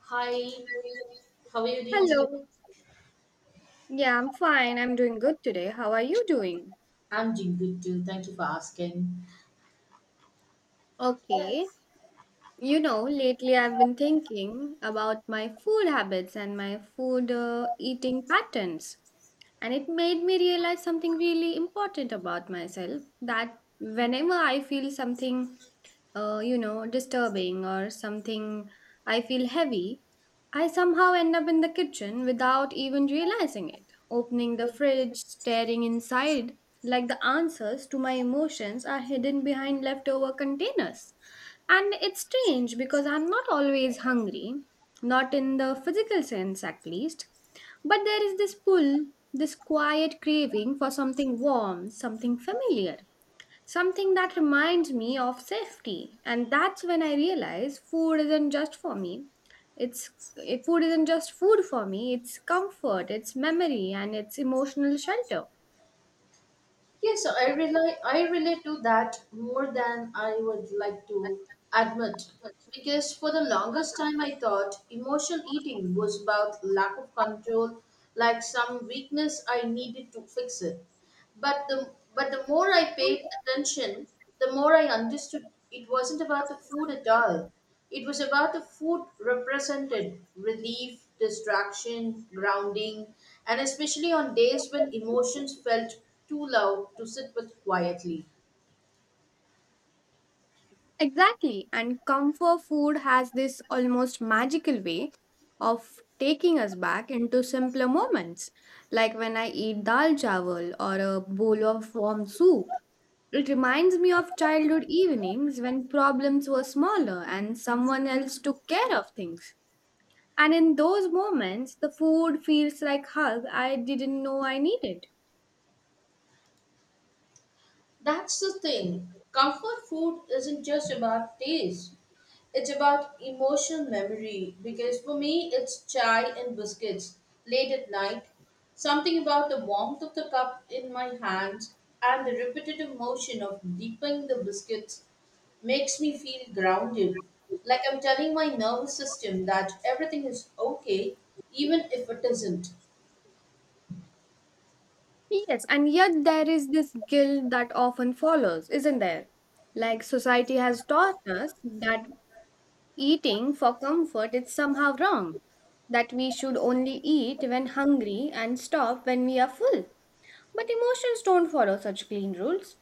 Hi, how are you doing today? Hello. Yeah, I'm fine. I'm doing good today. How are you doing? I'm doing good too. Thank you for asking. Okay. Yes. You know, lately I've been thinking about my food habits and my food eating patterns. And it made me realize something really important about myself that whenever I feel something disturbing or something I feel heavy, I somehow end up in the kitchen without even realizing it, opening the fridge, staring inside, like the answers to my emotions are hidden behind leftover containers. And it's strange because I'm not always hungry, not in the physical sense at least, but there is this pull, this quiet craving for something warm, something familiar. Something that reminds me of safety. And that's when I realize food isn't just for me. It's Food isn't just food for me, it's comfort, it's memory, and it's emotional shelter. Yeah, so I relate to that more than I would like to admit. Because for the longest time I thought emotional eating was about lack of control, like some weakness I needed to fix it. But the more I paid attention, the more I understood it wasn't about the food at all. It was about the food represented relief, distraction, grounding, and especially on days when emotions felt too loud to sit with quietly. Exactly. And comfort food has this almost magical way of taking us back into simpler moments. Like when I eat dal chawal or a bowl of warm soup. It reminds me of childhood evenings when problems were smaller and someone else took care of things. And in those moments, the food feels like hug I didn't know I needed. That's the thing. Comfort food isn't just about taste. It's about emotional memory because for me it's chai and biscuits late at night. Something about the warmth of the cup in my hands and the repetitive motion of dipping the biscuits makes me feel grounded. Like I'm telling my nervous system that everything is okay even if it isn't. Yes, and yet there is this guilt that often follows, isn't there? Like society has taught us that eating for comfort is somehow wrong, that we should only eat when hungry and stop when we are full. But emotions don't follow such clean rules.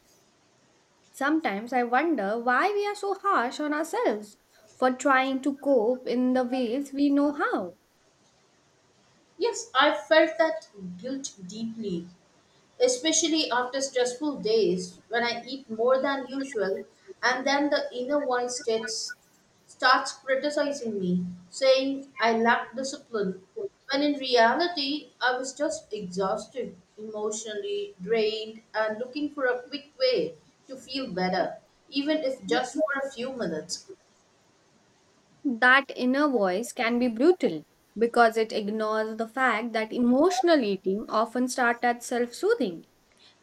Sometimes I wonder why we are so harsh on ourselves for trying to cope in the ways we know how. Yes, I felt that guilt deeply, especially after stressful days when I eat more than usual, and then the inner voice starts, criticizing me, saying I lack discipline, when in reality I was just exhausted, emotionally drained, and looking for a quick way to feel better, even if just for a few minutes. That inner voice can be brutal because it ignores the fact that emotional eating often starts as self-soothing,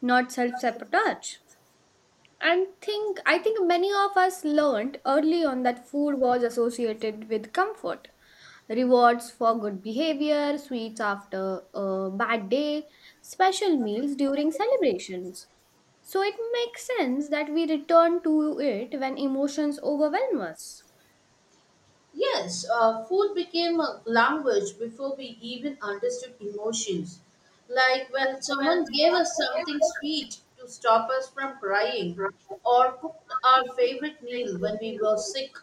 not self-sabotage. And think I think many of us learned early on that food was associated with comfort, rewards for good behavior, sweets after a bad day, special meals during celebrations. So it makes sense that we return to it when emotions overwhelm us. Yes, food became a language before we even understood emotions. Like when someone gave us something sweet to stop us from crying, or cooked our favorite meal when we were sick.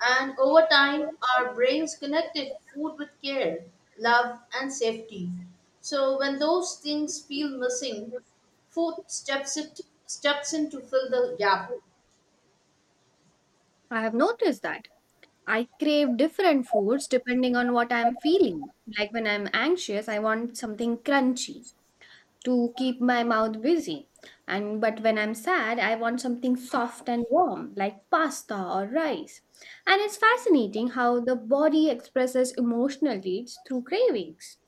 And over time, our brains connected food with care, love, and safety. So when those things feel missing, food steps in to fill the gap. I have noticed that I crave different foods depending on what I'm feeling. Like when I'm anxious, I want something crunchy to keep my mouth busy. And but when I'm sad, I want something soft and warm like pasta or rice. And it's fascinating how the body expresses emotional needs through cravings.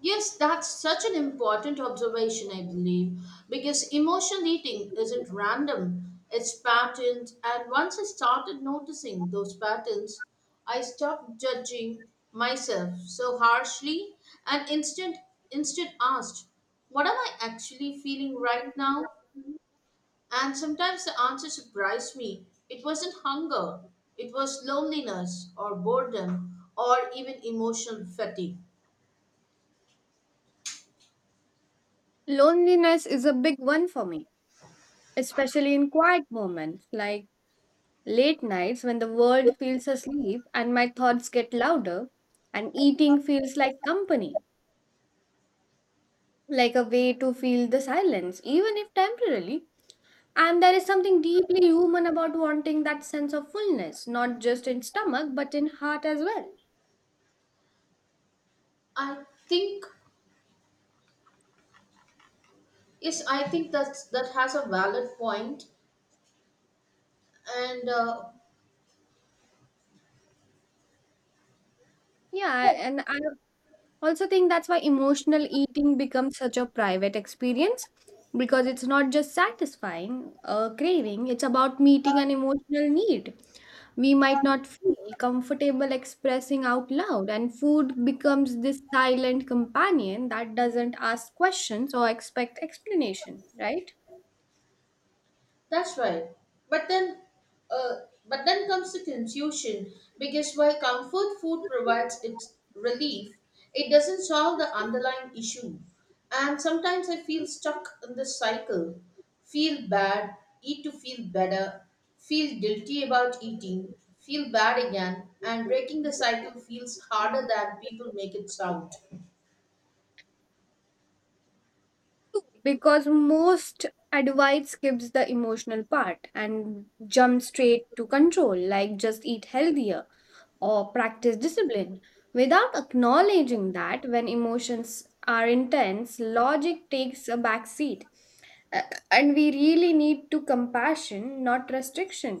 Yes, that's such an important observation, I believe, because emotional eating isn't random, it's patterned. And once I started noticing those patterns, I stopped judging myself so harshly and instant, instant asked, what am I actually feeling right now? And sometimes the answer surprised me. It wasn't hunger, it was loneliness or boredom or even emotional fatigue. Loneliness is a big one for me, especially in quiet moments like late nights, when the world feels asleep and my thoughts get louder, and eating feels like company, like a way to feel the silence, even if temporarily. And there is something deeply human about wanting that sense of fullness, not just in stomach, but in heart as well. I think Yes, I think that has a valid point, and Yeah, and I also think that's why emotional eating becomes such a private experience because it's not just satisfying a craving, it's about meeting an emotional need we might not feel comfortable expressing out loud, and food becomes this silent companion that doesn't ask questions or expect explanation, right? that's right. But then, uh, but then comes the confusion, because while comfort food provides its relief, it doesn't solve the underlying issue. And sometimes I feel stuck in this cycle: feel bad, eat to feel better, feel guilty about eating, feel bad again, and breaking the cycle feels harder than people make it sound. Because most advice skips the emotional part and jump straight to control, like just eat healthier or practice discipline without acknowledging that when emotions are intense logic takes a back seat. Uh, and we really need to compassion, not restriction.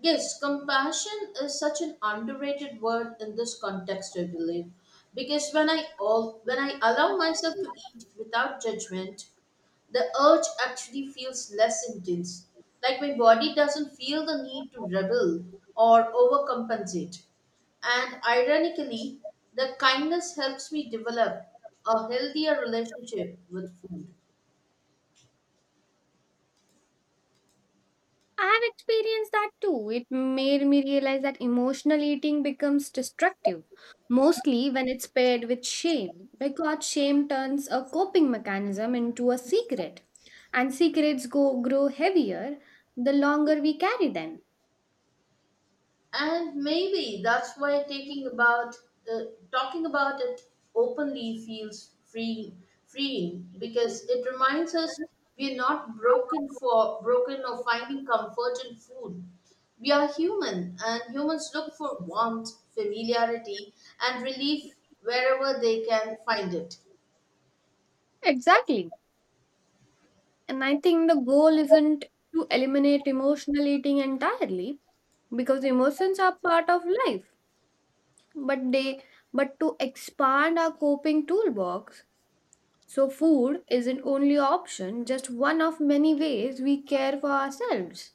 Yes, compassion is such an underrated word in this context, I believe. Because when I allow myself to eat without judgment, the urge actually feels less intense. Like my body doesn't feel the need to rebel or overcompensate. And ironically, the kindness helps me develop a healthier relationship with food. I have experienced that too. It made me realize that emotional eating becomes destructive, mostly when it's paired with shame, because shame turns a coping mechanism into a secret, and secrets go grow heavier the longer we carry them. And maybe that's why taking about uh, talking about it openly feels freeing, because it reminds us we're not broken for broken or finding comfort in food. We are human, and humans look for warmth, familiarity, and relief wherever they can find it. Exactly. And I think the goal isn't to eliminate emotional eating entirely, because emotions are part of life, but they but to expand our coping toolbox. So, food isn't only option, just one of many ways we care for ourselves.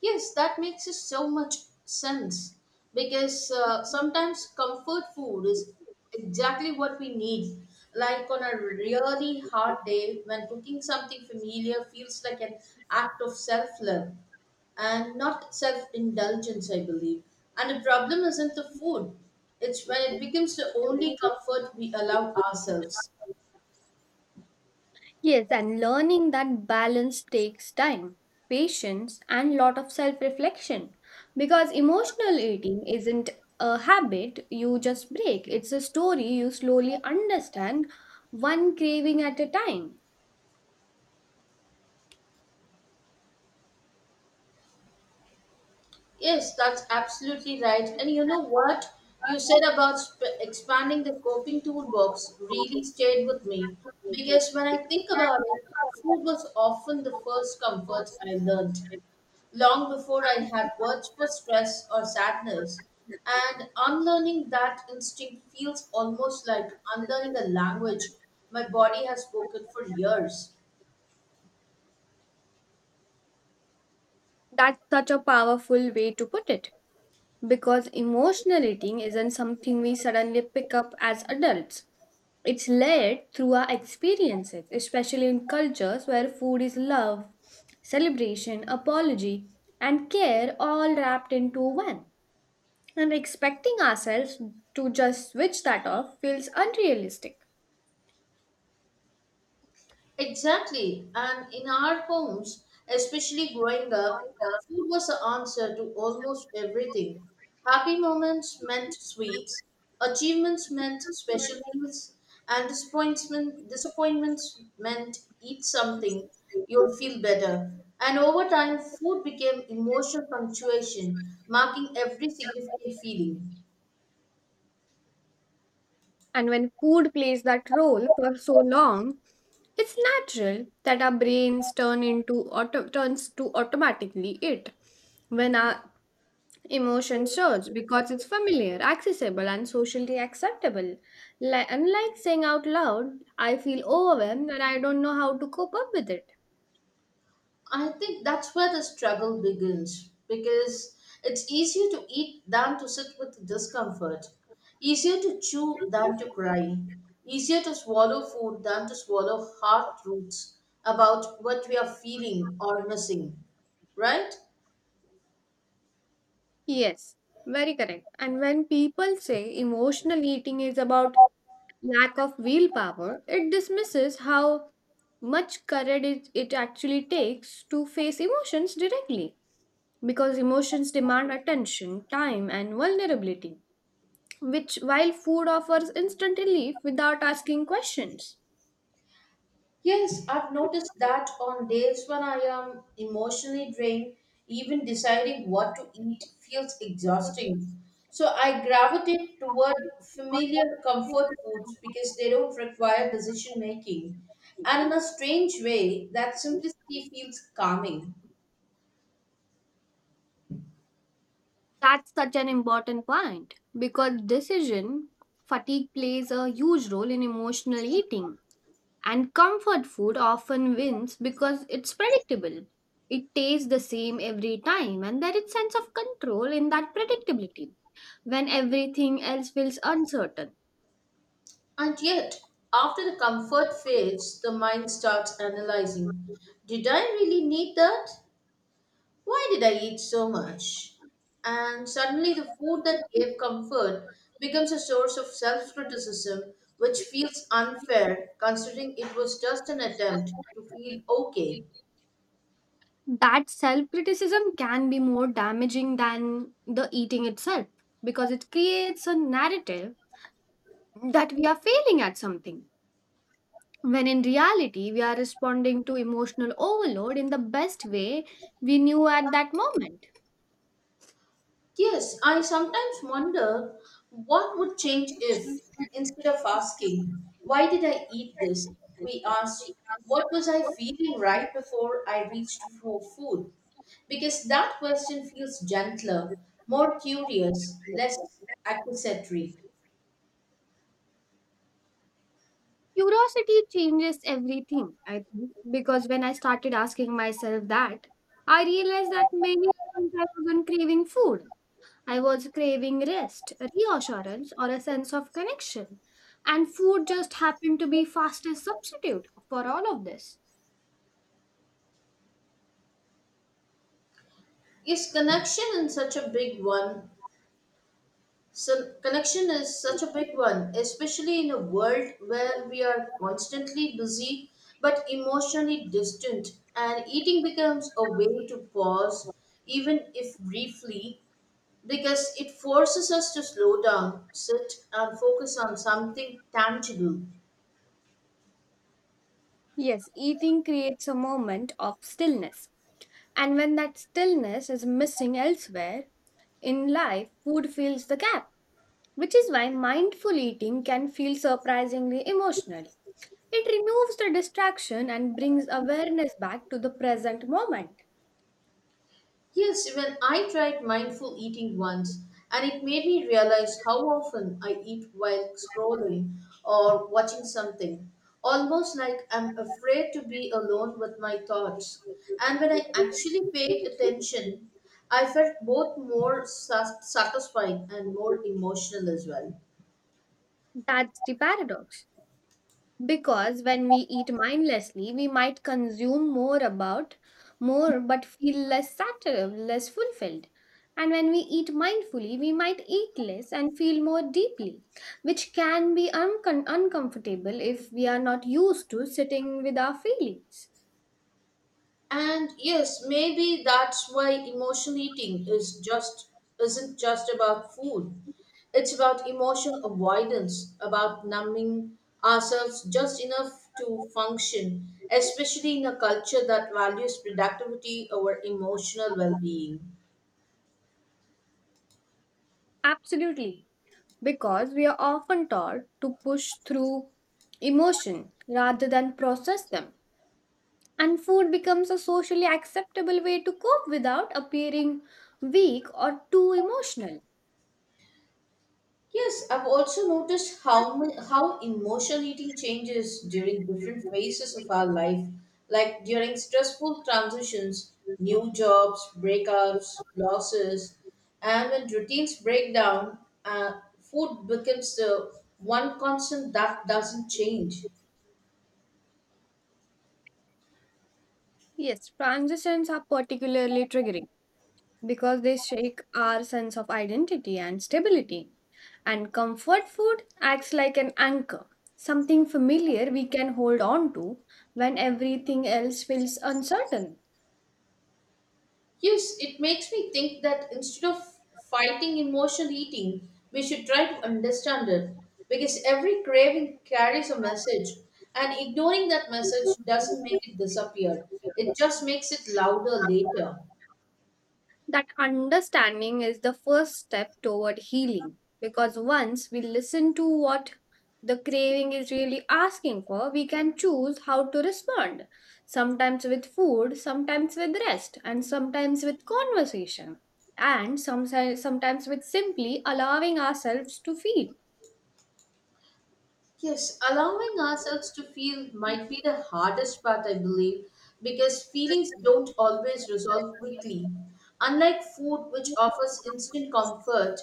Yes, that makes so much sense, because sometimes comfort food is exactly what we need. Like on a really hard day, when cooking something familiar feels like an act of self love and not self indulgence, I believe. And the problem isn't the food, it's when it becomes the only comfort we allow ourselves. Yes, and learning that balance takes time, patience, and lot of self reflection. Because emotional eating isn't a habit you just break, it's a story you slowly understand, one craving at a time. Yes, that's absolutely right. And you know what you said about expanding the coping toolbox really stayed with me, because when I think about it, food was often the first comfort I learned long before I had words for stress or sadness. And unlearning that instinct feels almost like unlearning a language my body has spoken for years. That's such a powerful way to put it. Because emotional eating isn't something we suddenly pick up as adults. It's layered through our experiences, especially in cultures where food is love, celebration, apology, and care all wrapped into one. And expecting ourselves to just switch that off feels unrealistic. Exactly. And in our homes, especially growing up, food was the answer to almost everything. Happy moments meant sweets, achievements meant special meals, and disappointments meant eat something, you'll feel better. And over time, food became emotional punctuation, marking every significant feeling. And when food plays that role for so long, it's natural that our brains turns to automatically it when our emotion surge, because it's familiar, accessible, and socially acceptable. Like, unlike saying out loud, I feel overwhelmed and I don't know how to cope up with it. I think that's where the struggle begins, because it's easier to eat than to sit with discomfort, easier to chew than to cry, easier to swallow food than to swallow hard truths about what we are feeling or missing, right? Yes, very correct. And when people say emotional eating is about lack of willpower, it dismisses how much courage it actually takes to face emotions directly because emotions demand attention, time, and vulnerability. Which while food offers instant relief without asking questions. Yes, I've noticed that on days when I am emotionally drained, even deciding what to eat feels exhausting. So I gravitate toward familiar comfort foods because they don't require decision making. And in a strange way, that simplicity feels calming. That's such an important point because decision fatigue plays a huge role in emotional eating. And comfort food often wins because it's predictable. It tastes the same every time, and there is sense of control in that predictability when everything else feels uncertain. And yet, after the comfort fades, the mind starts analyzing. Did I really need that? Why did I eat so much? And suddenly, the food that gave comfort becomes a source of self criticism, which feels unfair considering it was just an attempt to feel okay. That self criticism can be more damaging than the eating itself because it creates a narrative that we are failing at something when in reality we are responding to emotional overload in the best way we knew at that moment. Yes, I sometimes wonder what would change if, instead of asking, why did I eat this, we asked, what was I feeling right before I reached for food? Because that question feels gentler, more curious, less accusatory. Curiosity changes everything I think, because when I started asking myself that I realized that many times I wasn't craving food, I was craving rest, reassurance, or a sense of connection. And food just happened to be fastest substitute for all of this. Is connection in such a big one So connection is such a big one, especially in a world where we are constantly busy but emotionally distant, and eating becomes a way to pause, even if briefly, because it forces us to slow down, sit, and focus on something tangible. Yes, eating creates a moment of stillness. And when that stillness is missing elsewhere in life, food fills the gap, which is why mindful eating can feel surprisingly emotional. It removes the distraction and brings awareness back to the present moment. Yes, even I tried mindful eating once, and it made me realize how often I eat while scrolling or watching something. Almost like I'm afraid to be alone with my thoughts. And when I actually paid attention, I felt both more satisfied and more emotional as well. That's the paradox. Because when we eat mindlessly we might consume more but feel less satisfied, less fulfilled, and when we eat mindfully we might eat less and feel more deeply, which can be uncomfortable if we are not used to sitting with our feelings. And yes, maybe that's why emotional eating is just isn't just about food. It's about emotional avoidance, about numbing ourselves just enough to function, especially in a culture that values productivity over emotional well-being. Absolutely, because we are often taught to push through emotion rather than process them. And food becomes a socially acceptable way to cope without appearing weak or too emotional. Yes, I've also noticed how emotion eating changes during different phases of our life, like during stressful transitions, new jobs, breakups, losses, and when routines break down, uh, food becomes the one constant that doesn't change. Yes, transitions are particularly triggering because they shake our sense of identity and stability. And comfort food acts like an anchor, something familiar we can hold on to when everything else feels uncertain. Yes, it makes me think that instead of fighting emotional eating, we should try to understand it, because every craving carries a message, and ignoring that message doesn't make it disappear, it just makes it louder later. That understanding is the first step toward healing, because once we listen to what the craving is really asking for, we can choose how to respond. Sometimes with food, sometimes with rest, and sometimes with conversation, and sometimes with simply allowing ourselves to feel. Yes, allowing ourselves to feel might be the hardest part, I believe, because feelings don't always resolve quickly. Unlike food, which offers instant comfort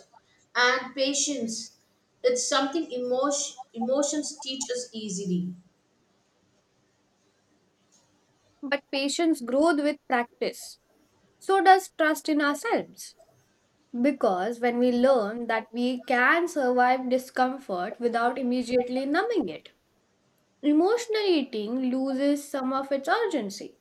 and patience, it's something emotions teach us easily. But patience grows with practice. So does trust in ourselves. Because when we learn that we can survive discomfort without immediately numbing it, emotional eating loses some of its urgency.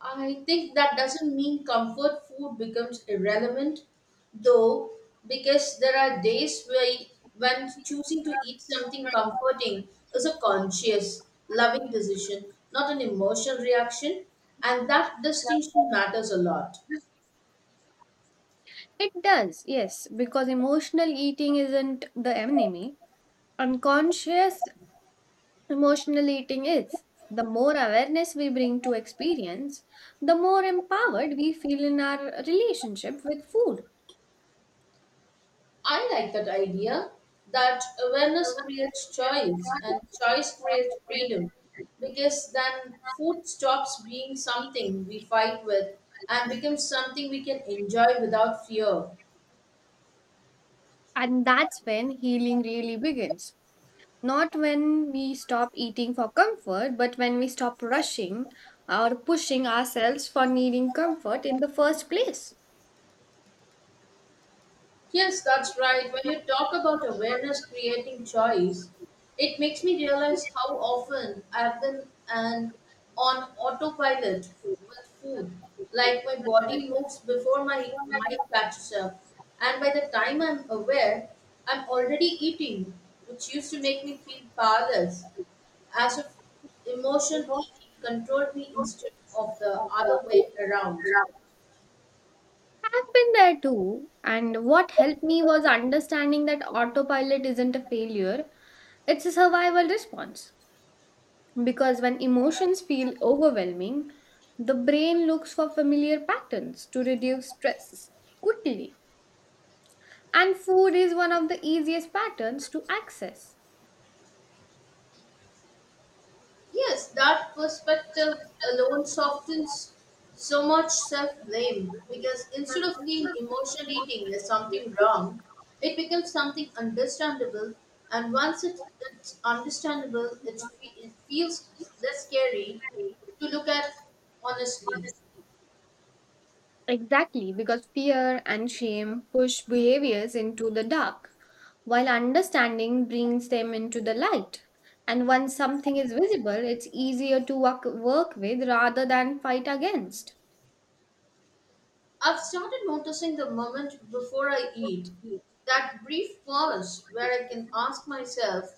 I think that doesn't mean comfort food becomes irrelevant, though, because there are days when choosing to eat something comforting is a conscious, loving decision, not an emotional reaction, and that distinction matters a lot. It does, yes, because emotional eating isn't the enemy, unconscious emotional eating is. The more awareness we bring to experience, the more empowered we feel in our relationship with food. I like that idea, that awareness creates choice and choice creates freedom, because then food stops being something we fight with and becomes something we can enjoy without fear. And that's when healing really begins. Not when we stop eating for comfort, but when we stop rushing or pushing ourselves for needing comfort in the first place. Yes, that's right. When you talk about awareness creating choice, it makes me realize how often I've been an, on autopilot with food. Like my body moves before my mind catches up. And by the time I'm aware, I'm already eating, which used to make me feel powerless, as if emotion eating controlled me instead of the other way around. I've been there too, and what helped me was understanding that autopilot isn't a failure, it's a survival response. Because when emotions feel overwhelming, the brain looks for familiar patterns to reduce stress quickly, and food is one of the easiest patterns to access. Yes, that perspective alone softens so much self blame, because instead of seeing emotional eating as something wrong, it becomes something understandable. And once it's understandable, it feels less scary to look at honestly. Exactly, because fear and shame push behaviors into the dark, while understanding brings them into the light. And once something is visible, it's easier to work with rather than fight against. I've started noticing the moment before I eat, that brief pause where I can ask myself,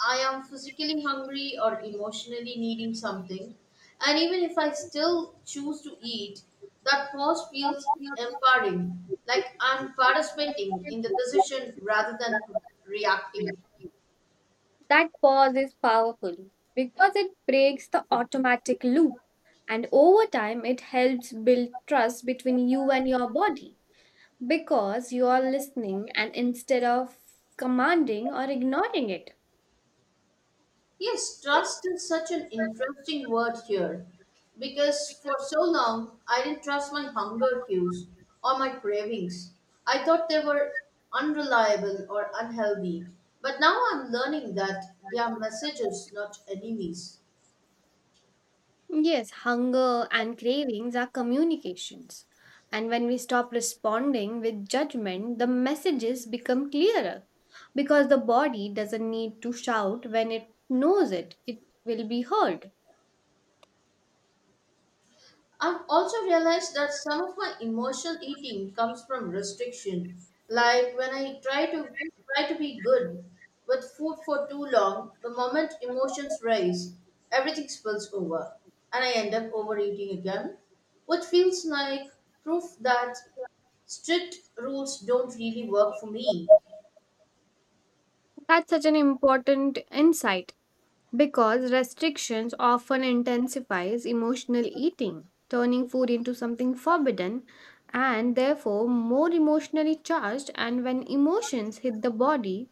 I am physically hungry or emotionally needing something? And even if I still choose to eat, that pause feels empowering, like I'm participating in the decision rather than reacting. That pause is powerful because it breaks the automatic loop, and over time, it helps build trust between you and your body because you are listening and instead of commanding or ignoring it. Yes, trust is such an interesting word here, because for so long I didn't trust my hunger cues or my cravings. I thought they were unreliable or unhealthy, but now I'm learning that they are messages, not enemies. Yes, hunger and cravings are communications. And when we stop responding with judgment, the messages become clearer because the body doesn't need to shout when it knows it will be heard. I've also realized that some of my emotional eating comes from restriction. Like when I try to be good with food for too long, the moment emotions rise, everything spills over, and I end up overeating again, which feels like proof that strict rules don't really work for me. That's such an important insight because restrictions often intensifies emotional eating, turning food into something forbidden and therefore more emotionally charged, and when emotions hit the body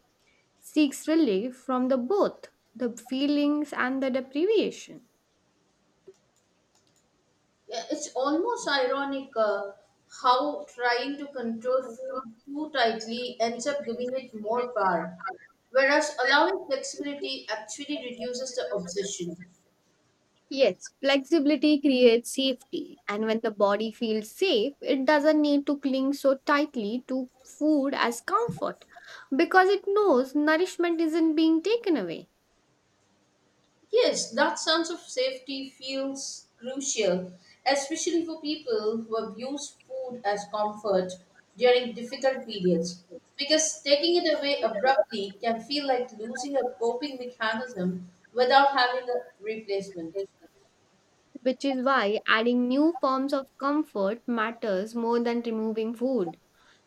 seeks relief from the both the feelings and the deprivation. Yeah, it's almost ironic how trying to control food too tightly ends up giving it more power, whereas allowing flexibility actually reduces the obsession. Yes, flexibility creates safety, and when the body feels safe, it doesn't need to cling so tightly to food as comfort because it knows nourishment isn't being taken away. Yes, that sense of safety feels crucial, especially for people who abuse food as comfort during difficult periods, because taking it away abruptly can feel like losing a coping mechanism without having a replacement. Which is why adding new forms of comfort matters more than removing food.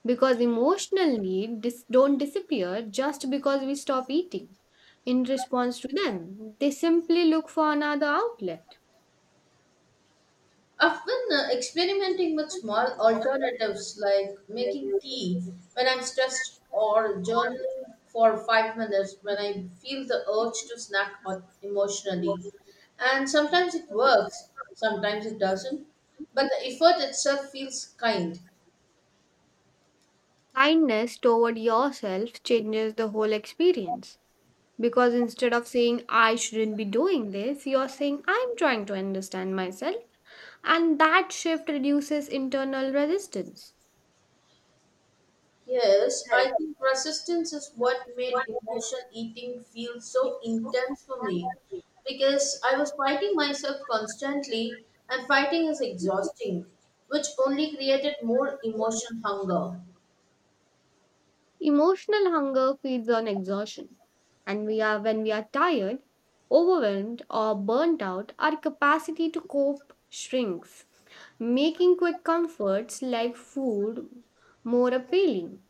Because emotional needs don't disappear just because we stop eating in response to them, they simply look for another outlet. I've been experimenting with small alternatives, like making tea when I'm stressed or journaling for 5 minutes when I feel the urge to snack on emotionally. And sometimes it works, sometimes it doesn't. But the effort itself feels kind. Kindness toward yourself changes the whole experience because instead of saying I shouldn't be doing this, you're saying I'm trying to understand myself, and that shift reduces internal resistance. Yes, I think resistance is what made emotion eating feel so intense for me, because I was fighting myself constantly, and fighting is exhausting, which only created more emotion hunger. Emotional hunger feeds on exhaustion, and we are when we are tired, overwhelmed, or burnt out, our capacity to cope shrinks, making quick comforts like food more appealing.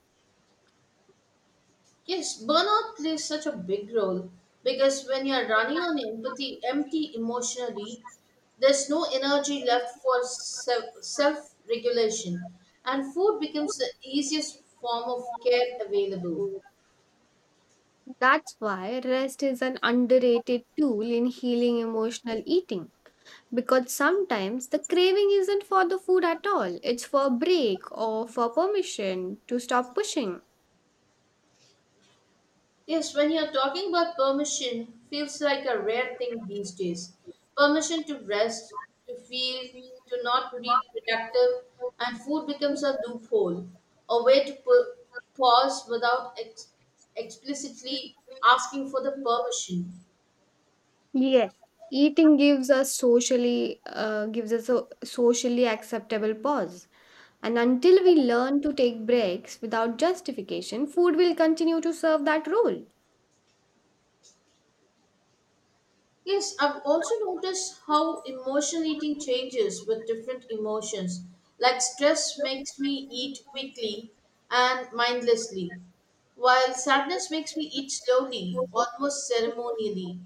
Yes, burnout plays such a big role, because when you're running on empty emotionally, there's no energy left for self regulation, and food becomes the easiest form of care available. That's why rest is an underrated tool in healing emotional eating. Because sometimes the craving isn't for the food at all, it's for a break or for permission to stop pushing. Yes, when you're talking about permission, feels like a rare thing these days. Permission to rest, to feel, to not be productive, and food becomes a loophole, a way to pause without explicitly asking for the permission. Eating gives us socially gives us a socially acceptable pause. And until we learn to take breaks without justification, food will continue to serve that role. Yes, I've also noticed how emotional eating changes with different emotions. Like stress makes me eat quickly and mindlessly, while sadness makes me eat slowly, almost ceremonially,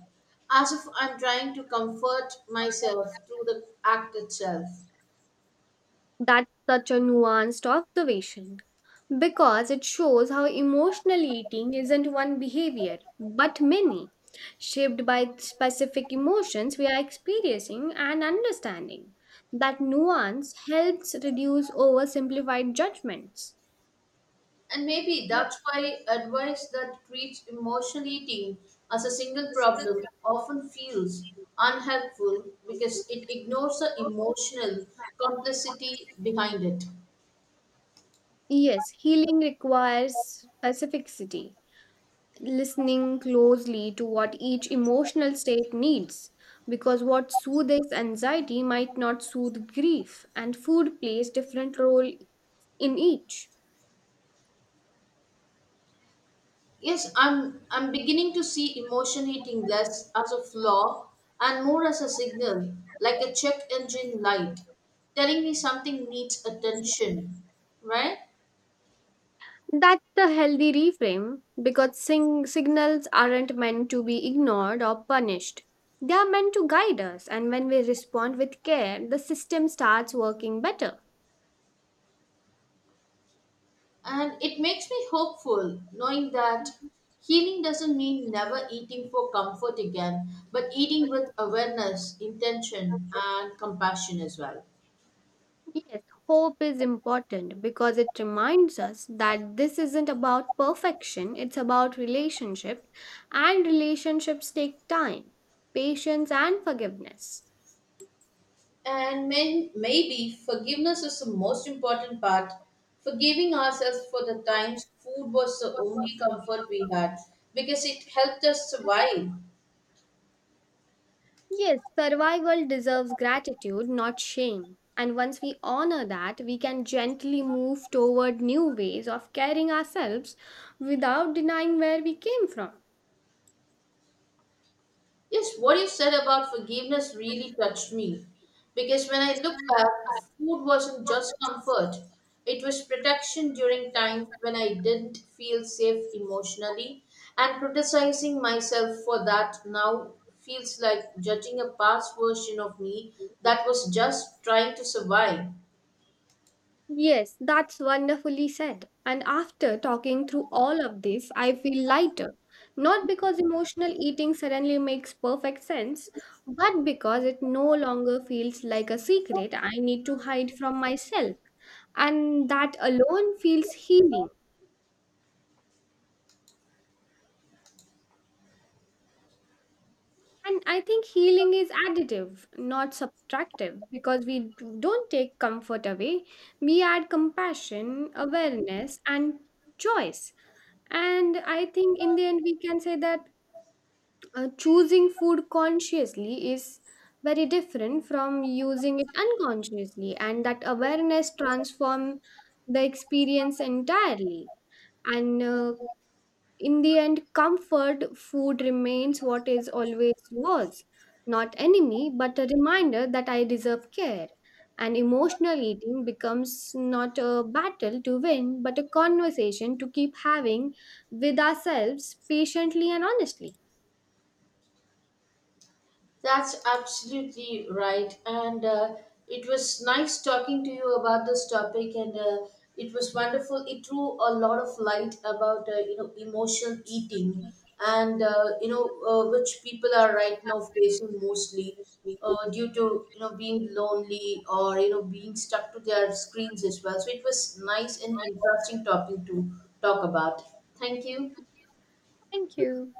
as if I'm trying to comfort myself through the act itself. That's such a nuanced observation because it shows how emotional eating isn't one behavior but many, shaped by specific emotions we are experiencing and understanding. That nuance helps reduce oversimplified judgments. And maybe that's why advice that treats emotional eating as a single problem often feels unhelpful, because it ignores the emotional complexity behind it. Yes, healing requires specificity, listening closely to what each emotional state needs, because what soothes anxiety might not soothe grief, and food plays different role in each. Yes, I'm beginning to see emotion eating less as a flaw and more as a signal, like a check engine light, telling me something needs attention, right? That's the healthy reframe because signals aren't meant to be ignored or punished. They are meant to guide us, and when we respond with care, the system starts working better. And it makes me hopeful knowing that healing doesn't mean never eating for comfort again, but eating with awareness, intention, and compassion as well. Yes, hope is important because it reminds us that this isn't about perfection, it's about relationships, and relationships take time, patience, and forgiveness. And maybe forgiveness is the most important part. Forgiving ourselves for the times food was the only comfort we had, because it helped us survive. Yes, survival deserves gratitude, not shame. And once we honor that, we can gently move toward new ways of carrying ourselves without denying where we came from. Yes, what you said about forgiveness really touched me, because when I look back, food wasn't just comfort, it was protection during times when I didn't feel safe emotionally, and criticizing myself for that now feels like judging a past version of me that was just trying to survive. Yes, that's wonderfully said. And after talking through all of this, I feel lighter. Not because emotional eating suddenly makes perfect sense, but because it no longer feels like a secret I need to hide from myself. And that alone feels healing. And I think healing is additive, not subtractive, because we don't take comfort away. We add compassion, awareness, and choice. And I think in the end, we can say that choosing food consciously is very different from using it unconsciously, and that awareness transform the experience entirely. And In the end, comfort food remains what is always was, not enemy, but a reminder that I deserve care. And emotional eating becomes not a battle to win, but a conversation to keep having with ourselves patiently and honestly. That's absolutely right. And it was nice talking to you about this topic, and it was wonderful. It threw a lot of light about emotional eating, and which people are right now facing mostly, due to being lonely, or being stuck to their screens as well. So it was nice and interesting topic to talk about. Thank you. Thank you.